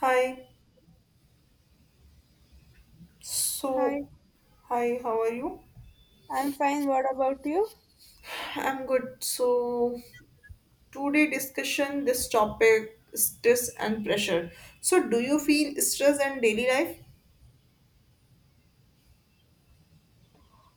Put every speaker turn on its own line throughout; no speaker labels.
Hi.
Hi,
So, Hi, how are you?
I'm fine. What about you?
I'm good. Today discussion this topic stress and pressure. So, do you feel stress in daily life?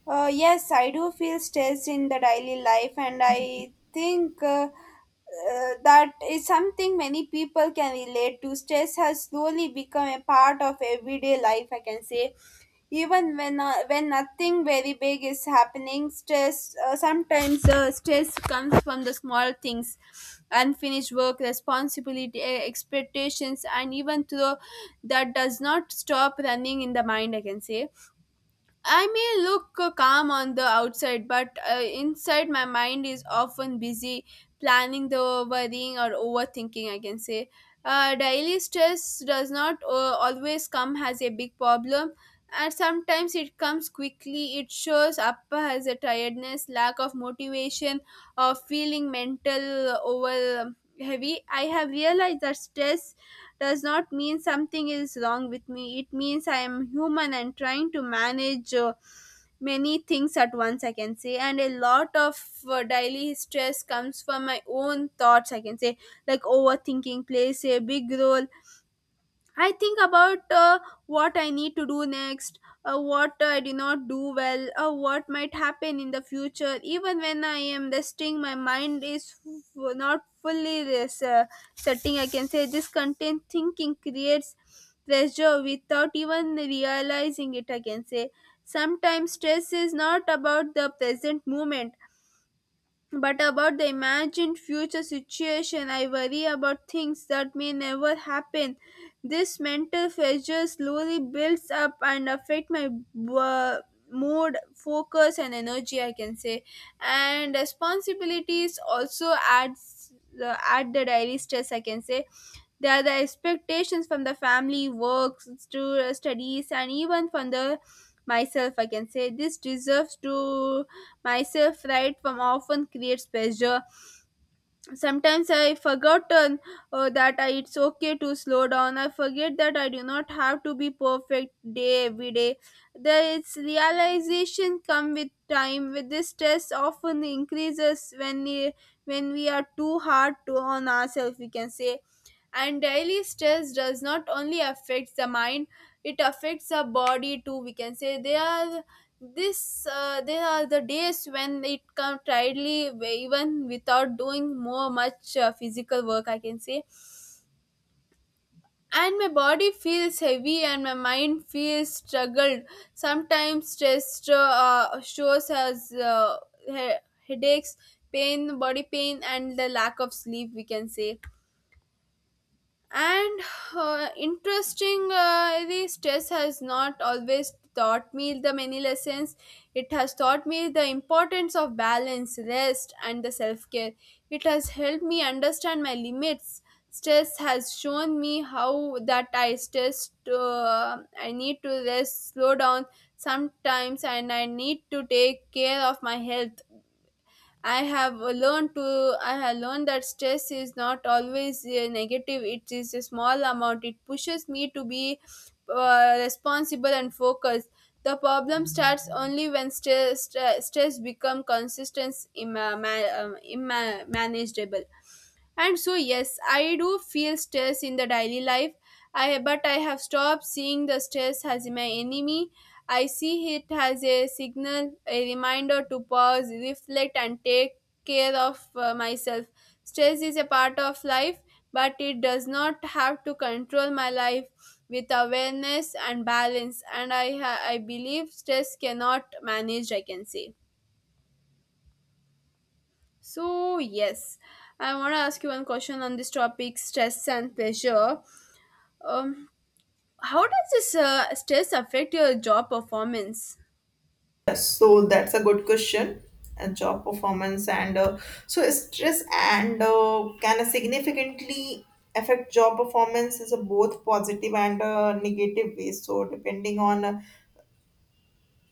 Yes, I do feel stressed in the daily life, and I think that is something many people can relate to. Stress has slowly become a part of everyday life, I can say. Even when nothing very big is happening, stress, sometimes, stress comes from the small things, unfinished work, responsibility, expectations, and even though that does not stop running in the mind, I can say. I may look calm on the outside, but inside my mind is often busy planning the worrying or overthinking, I can say. Daily stress does not always come as a big problem, and sometimes it comes quickly. It shows up as a tiredness, lack of motivation, or feeling mental over heavy. I have realized that stress does not mean something is wrong with me. It means I am human and trying to manage many things at once, I can say. And a lot of daily stress comes from my own thoughts, I can say. Like overthinking plays a big role. I think about what I need to do next, what I did not do well, what might happen in the future. Even when I am resting, my mind is not fully setting. I can say this content thinking creates pressure without even realizing it. I can say sometimes stress is not about the present moment but about the imagined future situation, I worry about things that may never happen. This mental pressure slowly builds up and affect my uh, mood, focus, and energy, I can say. And responsibilities also add the daily stress, I can say. There are the expectations from the family, works, to studies, and even from the myself, I can say. This deserves to myself right from often creates pressure. Sometimes I forgot that I, it's okay to slow down. I forget that I do not have to be perfect day every day. This realization come with time with this. Stress often increases when we are too hard to on ourselves, we can say. And daily stress does not only affect the mind, it affects the body too, we can say. They are this There are the days when it comes tiredly, even without doing more much physical work, I can say. And my body feels heavy and my mind feels struggled. Sometimes stress shows as he- headaches, pain, body pain, and the lack of sleep, we can say. And interesting, the stress has not always taught me the many lessons. It has taught me the importance of balance, rest, and the self-care. It has helped me understand my limits. Stress has shown me how that I need to rest, slow down sometimes, and I need to take care of my health. I have learned that stress is not always negative. It is a small amount. It pushes me to be responsible and focused. The problem starts only when stress become consistent, manageable. And so yes, I do feel stress in the daily life. I but I have stopped seeing the stress as my enemy. I see it as a signal, a reminder to pause, reflect and take care of myself. Stress is a part of life, but it does not have to control my life with awareness and balance, and I believe stress cannot manage, I can say. So, yes, I want to ask you one question on this topic stress and pressure. Um, how does this stress affect your job performance?
Yes, so that's a good question. And job performance and so stress and can significantly affect job performance is a both positive and negative ways. So depending on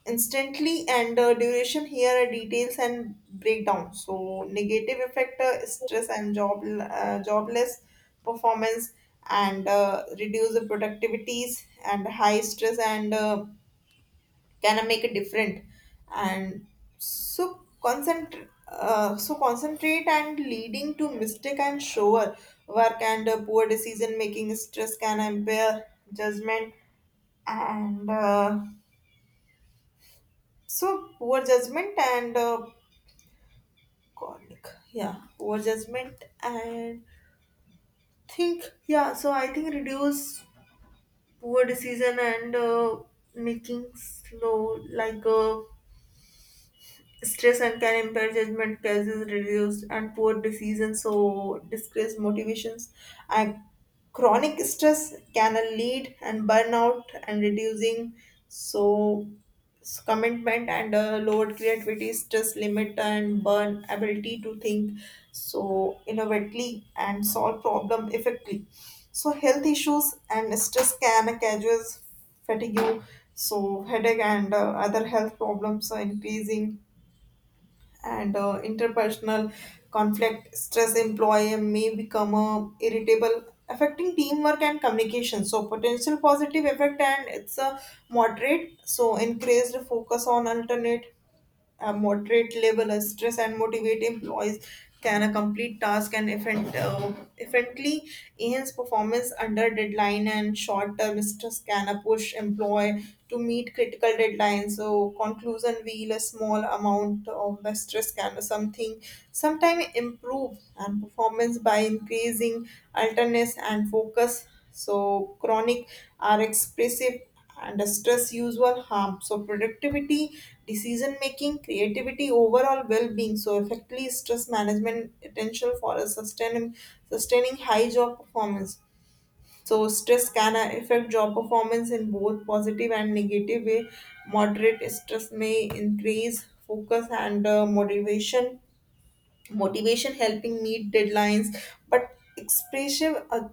instantly and duration, here are details and breakdown. So negative effect, stress and job jobless performance and reduce the productivities, and high stress and can make a different. And so concentrate and leading to mistake and sure work and poor decision making. Stress can impair judgment and so poor judgment and colic. Yeah, poor judgment and think. Yeah, so I think reduce poor decision and making slow Stress and can impair judgment, cause is reduced, and poor decisions so disgrace motivations. And chronic stress can lead and burnout and reducing so s- commitment and lowered creativity. Stress limit and burn ability to think so innovatively and solve problem effectively. So health issues and stress can cause fatigue, so headache and other health problems are increasing and interpersonal conflict. Stress employee may become irritable, affecting teamwork and communication. So potential positive effect and it's a moderate, so increased focus on alternate, a moderate level of stress and motivate employees can a complete task and effect, effectively enhance performance under deadline. And short-term stress can a push employee to meet critical deadlines. So conclusion wheel a small amount of the stress can be something sometime improve and performance by increasing alertness and focus. So chronic are expressive under stress usual harm so productivity, decision making, creativity, overall well-being. So effectively stress management essential for a sustaining high job performance. So stress can affect job performance in both positive and negative way. Moderate stress may increase focus and motivation, helping meet deadlines, but expressive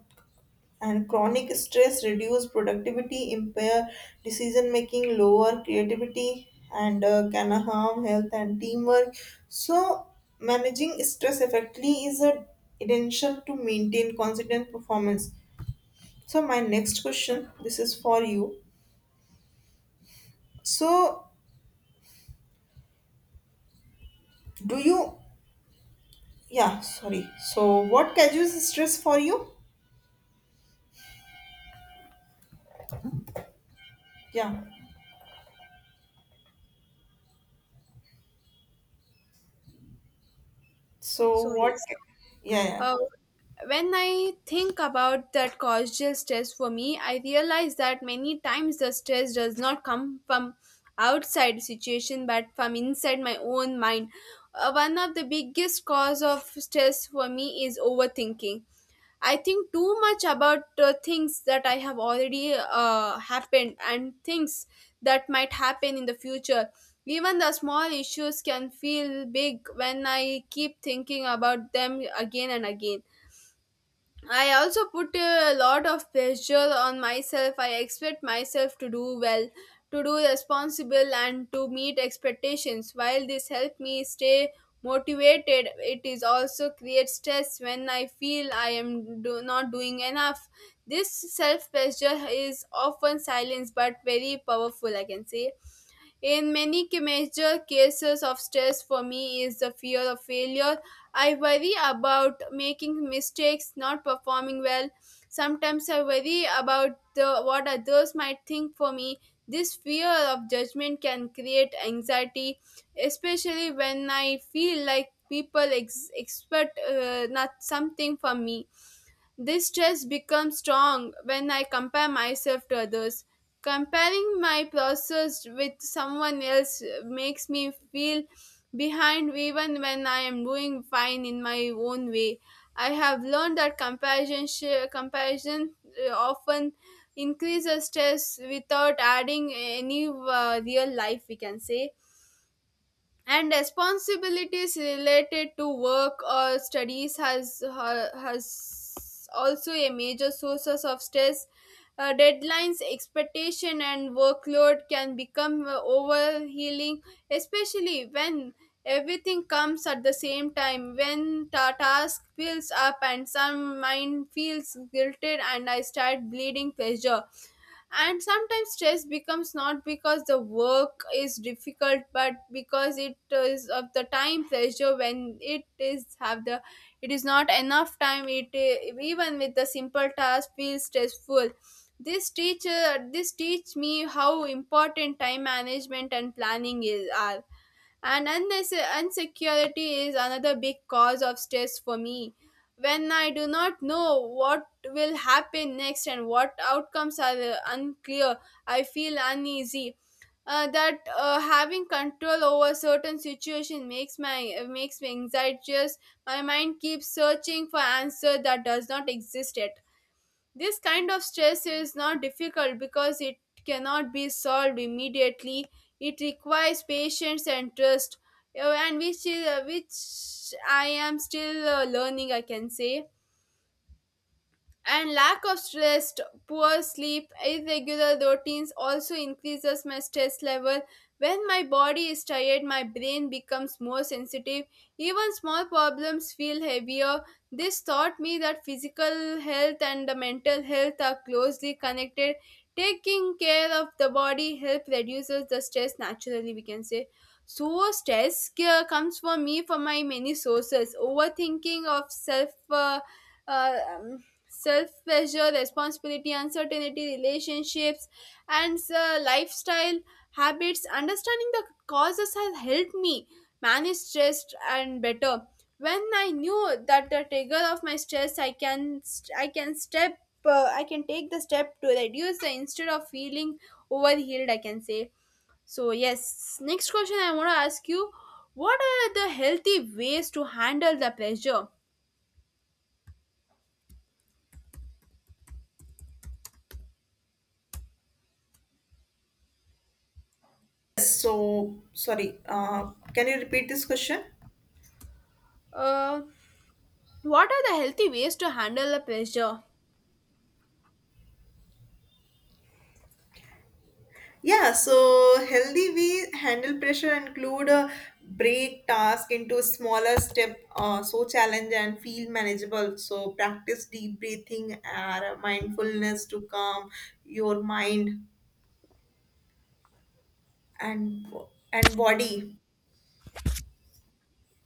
and chronic stress reduce productivity, impair decision making, lower creativity, and can harm health and teamwork. So managing stress effectively is a essential to maintain consistent performance. So my next question, this is for you. So do you, yeah, sorry, so what causes stress for you? Yeah, so
So, yes.
what ca- yeah, yeah.
Uh, when I think about that causal stress for me, I realize that many times the stress does not come from outside situation but from inside my own mind. One of the biggest cause of stress for me is overthinking. I think too much about things that I have already happened and things that might happen in the future. Even the small issues can feel big when I keep thinking about them again and again. I also put a lot of pressure on myself. I expect myself to do well, to do responsible, and to meet expectations. While this helps me stay motivated, it is also creates stress when I feel I am not doing enough. This self pressure is often silenced but very powerful, I can say. In many major cases of stress for me is the fear of failure. I worry about making mistakes, not performing well. Sometimes I worry about the, what others might think for me. This fear of judgment can create anxiety, especially when I feel like people expect, not something from me. This stress becomes strong when I compare myself to others. Comparing my process with someone else makes me feel behind even when I am doing fine in my own way. I have learned that comparison often increases stress without adding any real life, we can say. And responsibilities related to work or studies has also a major sources of stress. Deadlines, expectation and workload can become overhealing, especially when everything comes at the same time, when task builds up and some mind feels guilted and I start bleeding pressure. And sometimes stress becomes not because the work is difficult but because it is of the time pressure. When it is have the, it is not enough time, it, even with the simple task feels stressful. This teach me how important time management and planning is are. And insecurity is another big cause of stress for me. When I do not know what will happen next and what outcomes are unclear, I feel uneasy. That Having control over certain situation makes me anxious. My mind keeps searching for answer that does not exist yet. This kind of stress is not difficult because it cannot be solved immediately. It requires patience and trust, and which I am still learning, I can say. And lack of rest, poor sleep, irregular routines also increases my stress level. When my body is tired, my brain becomes more sensitive. Even small problems feel heavier. This taught me that physical health and the mental health are closely connected. Taking care of the body help reduces the stress naturally, we can say. So stress comes for me from my many sources. Overthinking of self, uh, um, self pressure, responsibility, uncertainty, relationships, and lifestyle habits. Understanding the causes has helped me manage stress and better. When I knew that the trigger of my stress, I can step I can take the step to reduce the, instead of feeling overhealed, I can say. So, yes. Next question I want to ask you: what are the healthy ways to handle the pressure?
So sorry, can you repeat this question?
Uh, What are the healthy ways to handle the pressure?
Yeah, so healthy we handle pressure include break task into smaller step, so challenge and feel manageable. So practice deep breathing and mindfulness to calm your mind and body.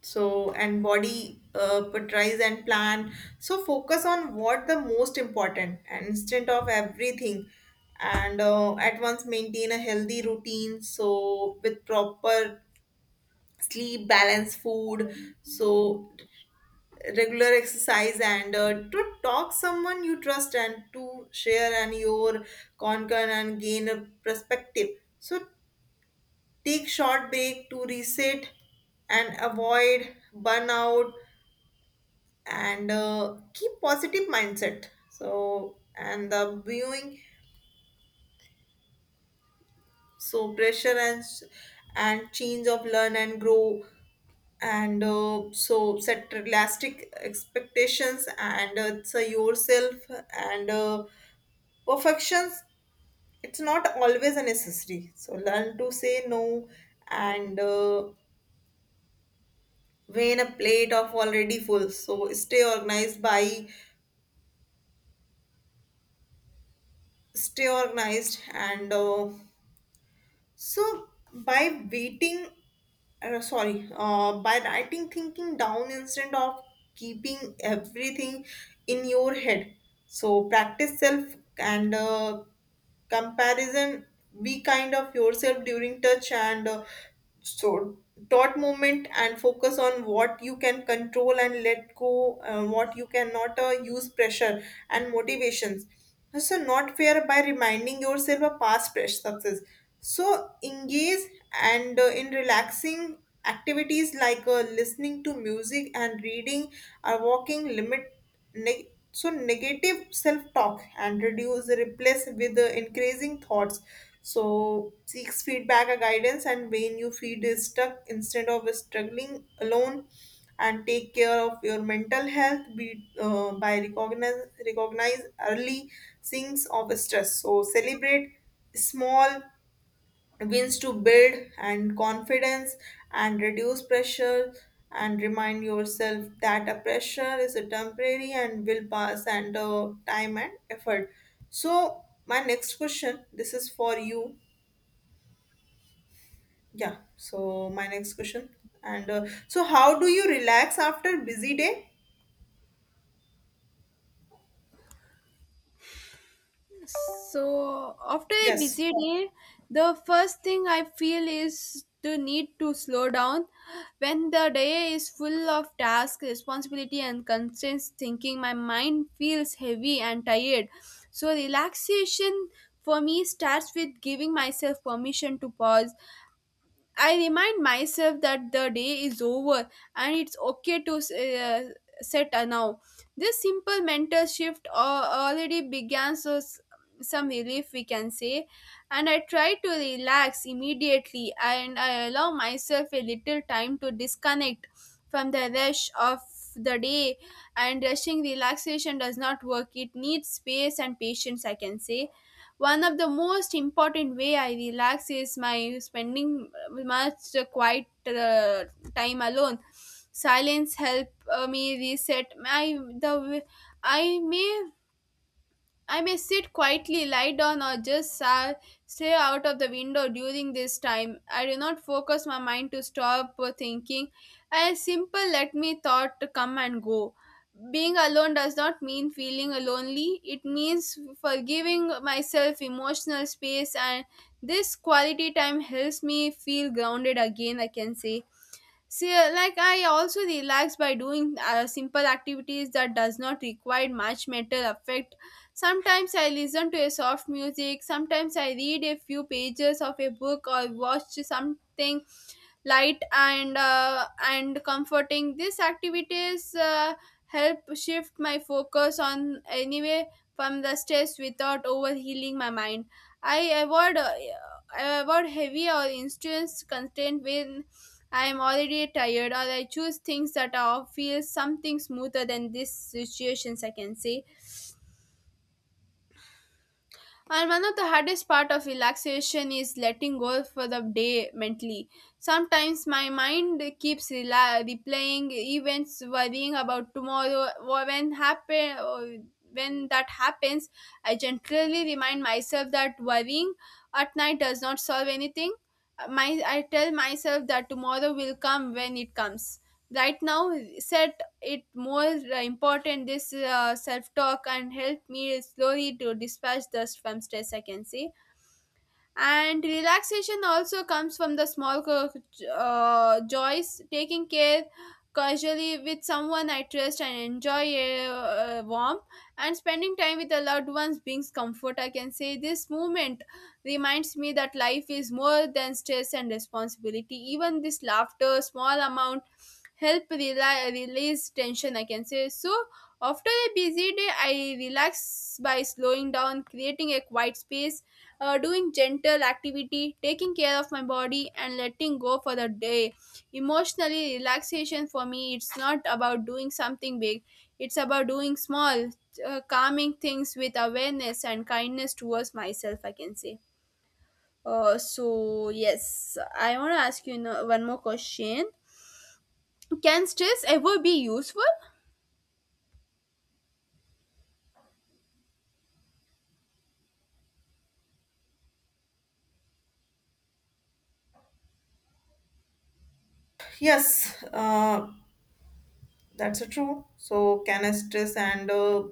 So and body prioritize and plan. So focus on what the most important and instead of everything and at once maintain a healthy routine so with proper sleep, balance food, so regular exercise and to talk someone you trust and to share and your concern and gain a perspective. So take short break to reset and avoid burnout and keep positive mindset. So and the viewing so pressure and change of learn and grow and so set realistic expectations and it's a yourself and perfections it's not always a necessary. So learn to say no and weigh a plate of already full. So stay organized by stay organized and So by waiting, by writing thinking down instead of keeping everything in your head. So practice self and comparison, be kind of yourself during touch and so thought movement and focus on what you can control and let go what you cannot. Uh, use pressure and motivations so not fair by reminding yourself a past fresh success. So engage and in relaxing activities listening to music and reading or walking. Limit Neg so negative self-talk and reduce, replace with the increasing thoughts. So seeks feedback or guidance and when you feel stuck instead of struggling alone, and take care of your mental health, be, by recognize early signs of stress. So celebrate small wins to build and confidence and reduce pressure and remind yourself that a pressure is a temporary and will pass and time and effort. So my next question, this is for you. Yeah, so my next question, and so how do you relax after busy day?
So, after a
Yes,
busy day, the first thing I feel is the need to slow down. When the day is full of tasks, responsibility, and constant thinking, my mind feels heavy and tired. So, relaxation for me starts with giving myself permission to pause. I remind myself that the day is over and it's okay to set a now. This simple mental shift already began so some relief, we can say. And I try to relax immediately and I allow myself a little time to disconnect from the rush of the day, and rushing relaxation does not work, it needs space and patience, I can say. One of the most important way I relax is my spending much quiet time alone. Silence help me reset. The i may I may sit quietly, lie down, or just stare out of the window during this time. I do not focus my mind to stop thinking. I simple let me thought to come and go. Being alone does not mean feeling lonely. It means forgiving myself emotional space, and this quality time helps me feel grounded again, I can say. See, like I also relax by doing simple activities that does not require much mental effect. Sometimes I listen to a soft music. Sometimes I read a few pages of a book or watch something light and comforting. These activities help shift my focus on anyway from the stress without overhealing my mind. i avoid uh, I avoid heavy or intense content when I am already tired, or I choose things that are feel something smoother than these situations, I can say. And one of the hardest part of relaxation is letting go for the day mentally. Sometimes my mind keeps replaying events, worrying about tomorrow. Or when happen, or when that happens, I generally remind myself that worrying at night does not solve anything. My I tell myself that tomorrow will come when it comes. Right now, set it more important this self talk and help me slowly to dispatch the from stress I can say. And relaxation also comes from the small joys taking care casually with someone I trust and enjoy a warm and spending time with the loved ones brings comfort I can say. This movement reminds me that life is more than stress and responsibility, even this laughter small amount help release tension I can say. So after a busy day I relax by slowing down, creating a quiet space, doing gentle activity, taking care of my body, and letting go for the day. Emotionally, relaxation for me, it's not about doing something big, it's about doing small, calming things with awareness and kindness towards myself, I can say. So, yes, I want to ask you one more question. Can stress ever be useful?
yes, that's a true. So can I stress and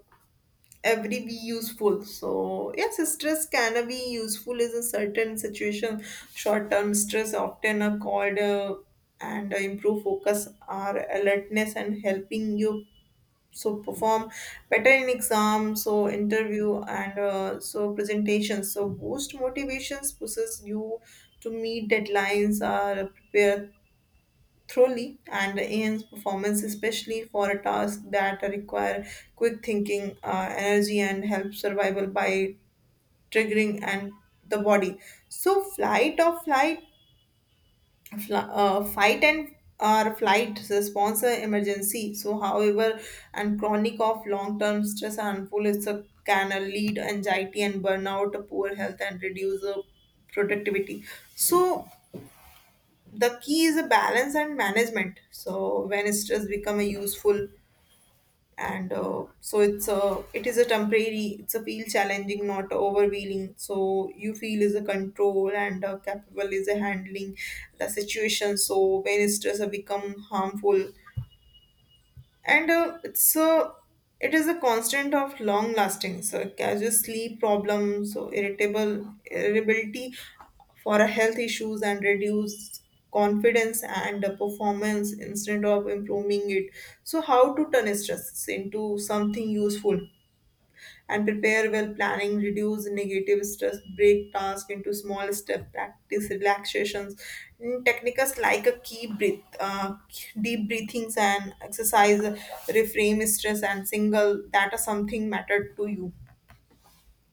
every be useful? So yes, stress can be useful is a certain situation. Short term stress often are called and improve focus or alertness and helping you so perform better in exams, so interview and so presentations. So boost motivations, pushes you to meet deadlines or prepare thoroughly, and Ian's performance, especially for a task that require quick thinking, energy, and help survival by triggering and the body. So flight or flight, fight and or flight response emergency. So however, and chronic of long term stress and harmful, it's a can lead anxiety and burnout, poor health, and reduce productivity. So the key is a balance and management. So when stress become a useful and so it's a it is a temporary, it's a feel challenging not overwhelming, so you feel is a control and capable is a handling the situation. So when stress have become harmful and it's a it is a constant of long lasting, so casual sleep problems, so irritable irritability for a health issues and reduce confidence and performance instead of improving it. So how to turn stress into something useful, and prepare well planning, reduce negative stress, break task into small step, practice relaxations. Mm, techniques like a key breath deep breathings and exercise, reframe stress and single that are something matter to you.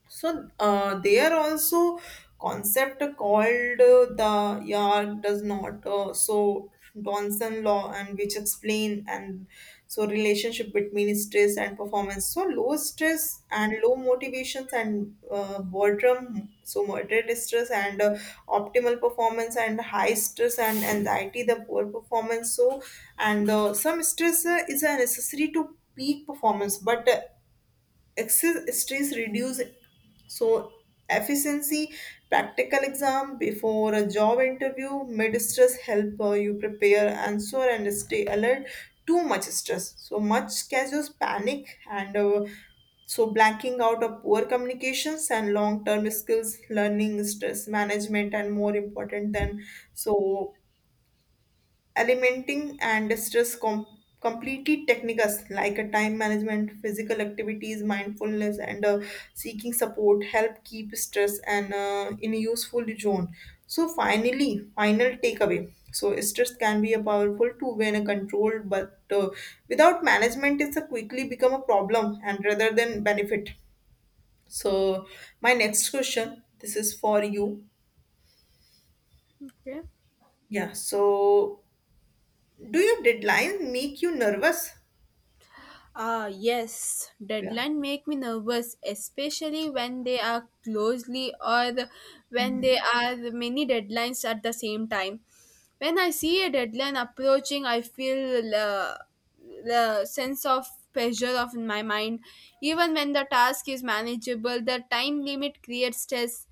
So there also concept called the yard does not so Donson law, and which explain and so relationship between stress and performance. So low stress and low motivations and boredom. So moderate stress and optimal performance, and high stress and anxiety the poor performance. So and some stress is necessary to peak performance, but excess stress reduce so efficiency, practical exam before a job interview, mid stress help you prepare answer and stay alert. Too much stress so much causes panic and so blanking out of poor communications and long term skills. Learning stress management and more important than so alimenting and stress com- completely techniques like a time management, physical activities, mindfulness, and seeking support, help keep stress and in a useful zone. So finally, final takeaway. So stress can be a powerful tool when controlled, but without management, it's a quickly become a problem and rather than benefit. So my next question, this is for you.
Okay.
Yeah. So do your deadlines make you nervous?
Ah, yes,
Yeah.
deadline make me nervous, especially when they are closely or when there are many deadlines at the same time. When I see a deadline approaching, I feel the sense of pressure of in my mind. Even when the task is manageable, the time limit creates stress.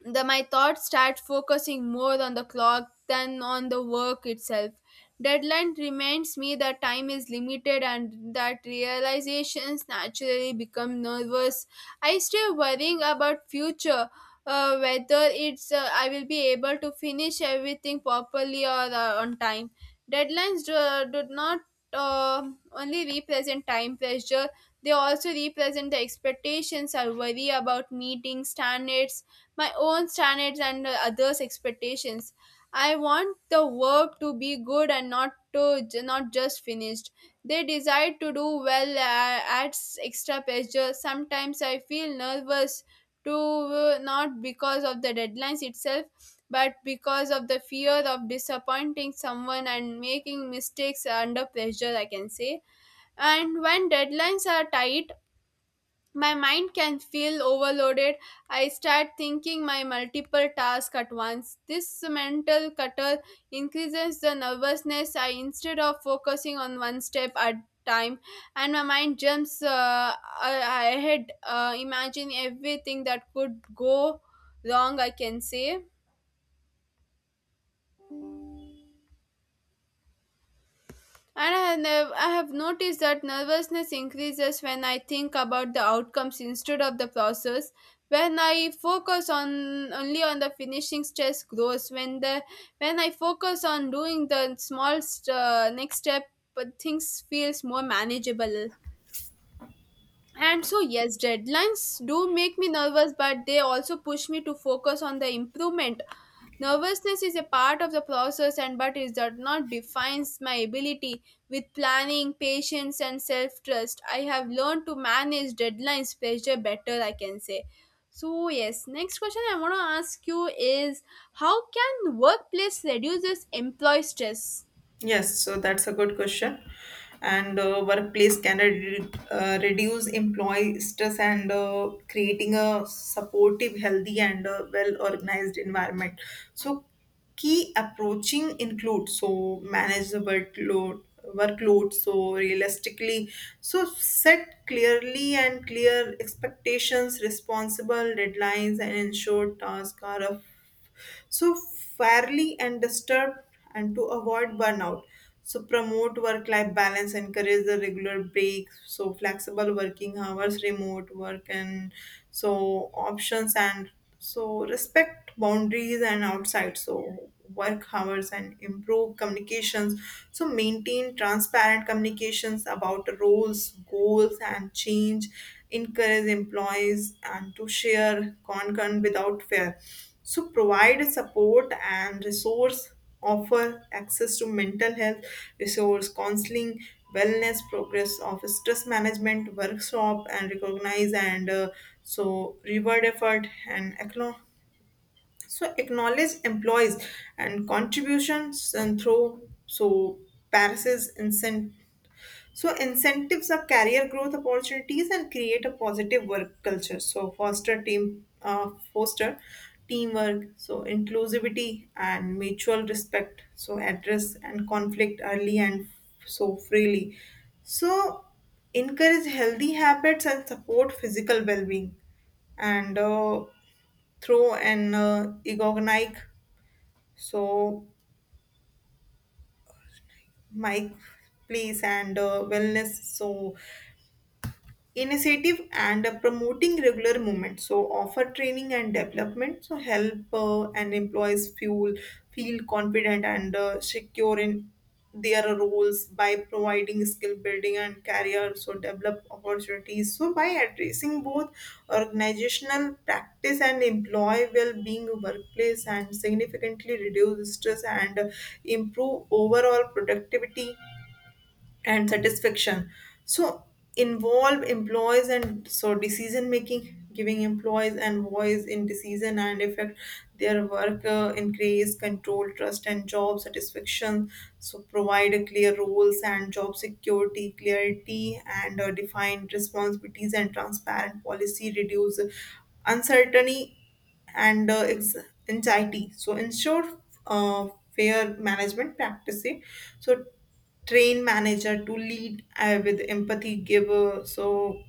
The my thoughts start focusing more on the clock than on the work itself. Deadline reminds me that time is limited and that realizations naturally become nervous. I stay worrying about future, whether it's I will be able to finish everything properly or on time. Deadlines do not only represent time pressure, they also represent the expectations. I worry about meeting standards, my own standards and others expectations. I want the work to be good and not to, not just finished. They desire to do well adds extra pressure. Sometimes I feel nervous to, not because of the deadlines itself but because of the fear of disappointing someone and making mistakes under pressure I can say. And when deadlines are tight, my mind can feel overloaded. I start thinking my multiple tasks at once. This mental clutter increases the nervousness. I instead of focusing on one step at time, and my mind jumps ahead, imagine everything that could go wrong I can say. And I have, I have noticed that nervousness increases when I think about the outcomes instead of the process. When I focus on only on the finishing, stress grows. When I focus on doing the small next step, but things feels more manageable. And so, yes, deadlines do make me nervous, but they also push me to focus on the improvement. Nervousness is a part of the process, and but it does not defines my ability. With planning, patience, and self trust, I have learned to manage deadlines pressure better, I can say. So, yes, next question I want to ask you is how can workplace reduces employee stress?
Yes, so that's a good question. And workplace can re- reduce employee stress and creating a supportive, healthy, and well-organized environment. So key approaching includes so manage the workload so realistically, so set clearly and clear expectations, responsible deadlines, and ensure tasks are so fairly and disturbed and to avoid burnout. So promote work life balance, encourage the regular breaks, so flexible working hours, remote work, and so options, and so respect boundaries and outside so work hours, and improve communications, so maintain transparent communications about roles, goals, and change, encourage employees and to share content without fear. So provide support and resource, offer access to mental health resource, counseling, wellness progress of stress management workshop, and recognize and so reward effort and acknowledge employees and contributions and through so passes incentive. So incentives are career growth opportunities and create a positive work culture. So foster team, foster teamwork. So inclusivity and mutual respect. So address and conflict early and so freely. So encourage healthy habits and support physical well-being. And through an ergonomic so mic, place and wellness so initiative and promoting regular movement, so offer training and development, so help and employees feel confident and secure in their roles by providing skill building and career so develop opportunities. So by addressing both organizational practice and employee well-being, workplace and significantly reduce stress and improve overall productivity and satisfaction. So involve employees and so decision making, giving employees and voice in decision and effect their work, increase control, trust, and job satisfaction. So provide a clear roles and job security, clarity and defined responsibilities and transparent policy reduce uncertainty and ex- anxiety. So ensure uh, fair management practices. So train manager to lead with empathy, give so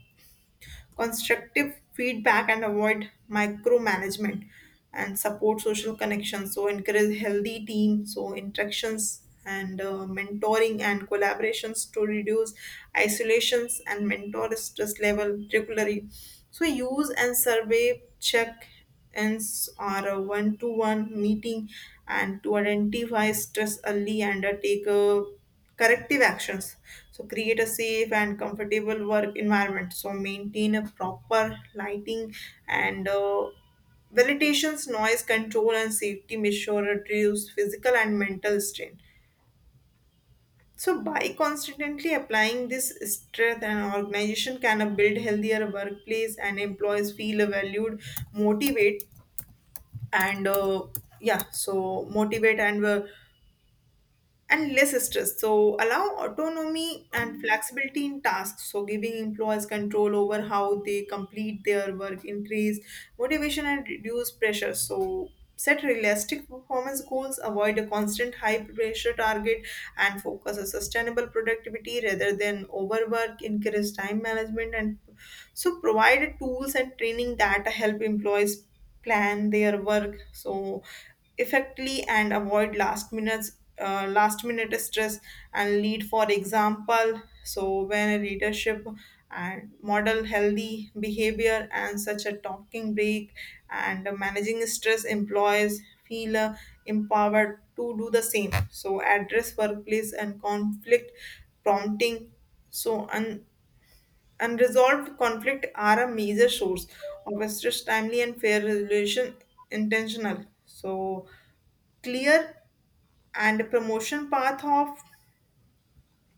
constructive feedback and avoid micromanagement, and support social connections. So encourage healthy team, so interactions and mentoring and collaborations to reduce isolations and mentor stress level regularly. So use and survey check ins or a one-to-one meeting and to identify stress early and take a corrective actions. So create a safe and comfortable work environment, so maintain a proper lighting and validations, noise control, and safety measure reduce physical and mental strain. So by constantly applying this strength, an organization can build healthier workplace and employees feel valued, motivate and yeah, so motivate and less stress. So allow autonomy and flexibility in tasks. So giving employees control over how they complete their work, increase motivation and reduce pressure. So set realistic performance goals, avoid a constant high pressure target, and focus on sustainable productivity rather than overwork. Encourage time management, and so provide tools and training that help employees plan their work so effectively and avoid last minute stress. And lead for example, so when a leadership and model healthy behavior and such a talking break and managing stress, employees feel empowered to do the same. So address workplace and conflict, prompting, so on unresolved conflict are a major source of stress, timely and fair resolution, intentional. So clear and promotion path of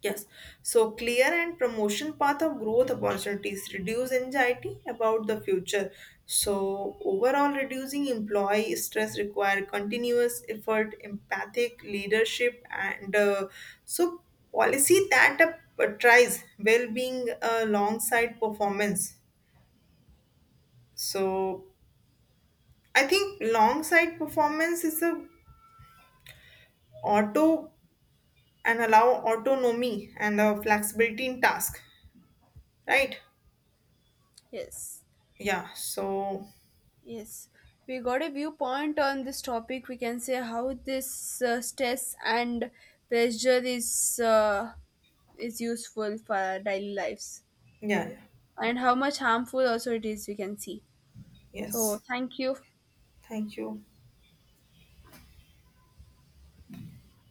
yes. So clear and promotion path of growth opportunities reduce anxiety about the future. So overall, reducing employee stress require continuous effort, empathic leadership, and so policy that tries well-being alongside performance. So I think alongside performance is a auto and allow autonomy and flexibility in task, right?
Yes.
Yeah, so
Yes, we got a viewpoint on this topic. We can say how this stress and pressure is useful for our daily lives,
yeah, yeah.
and how much harmful also it is. We can see. So,
Yes.
thank you.
Thank you.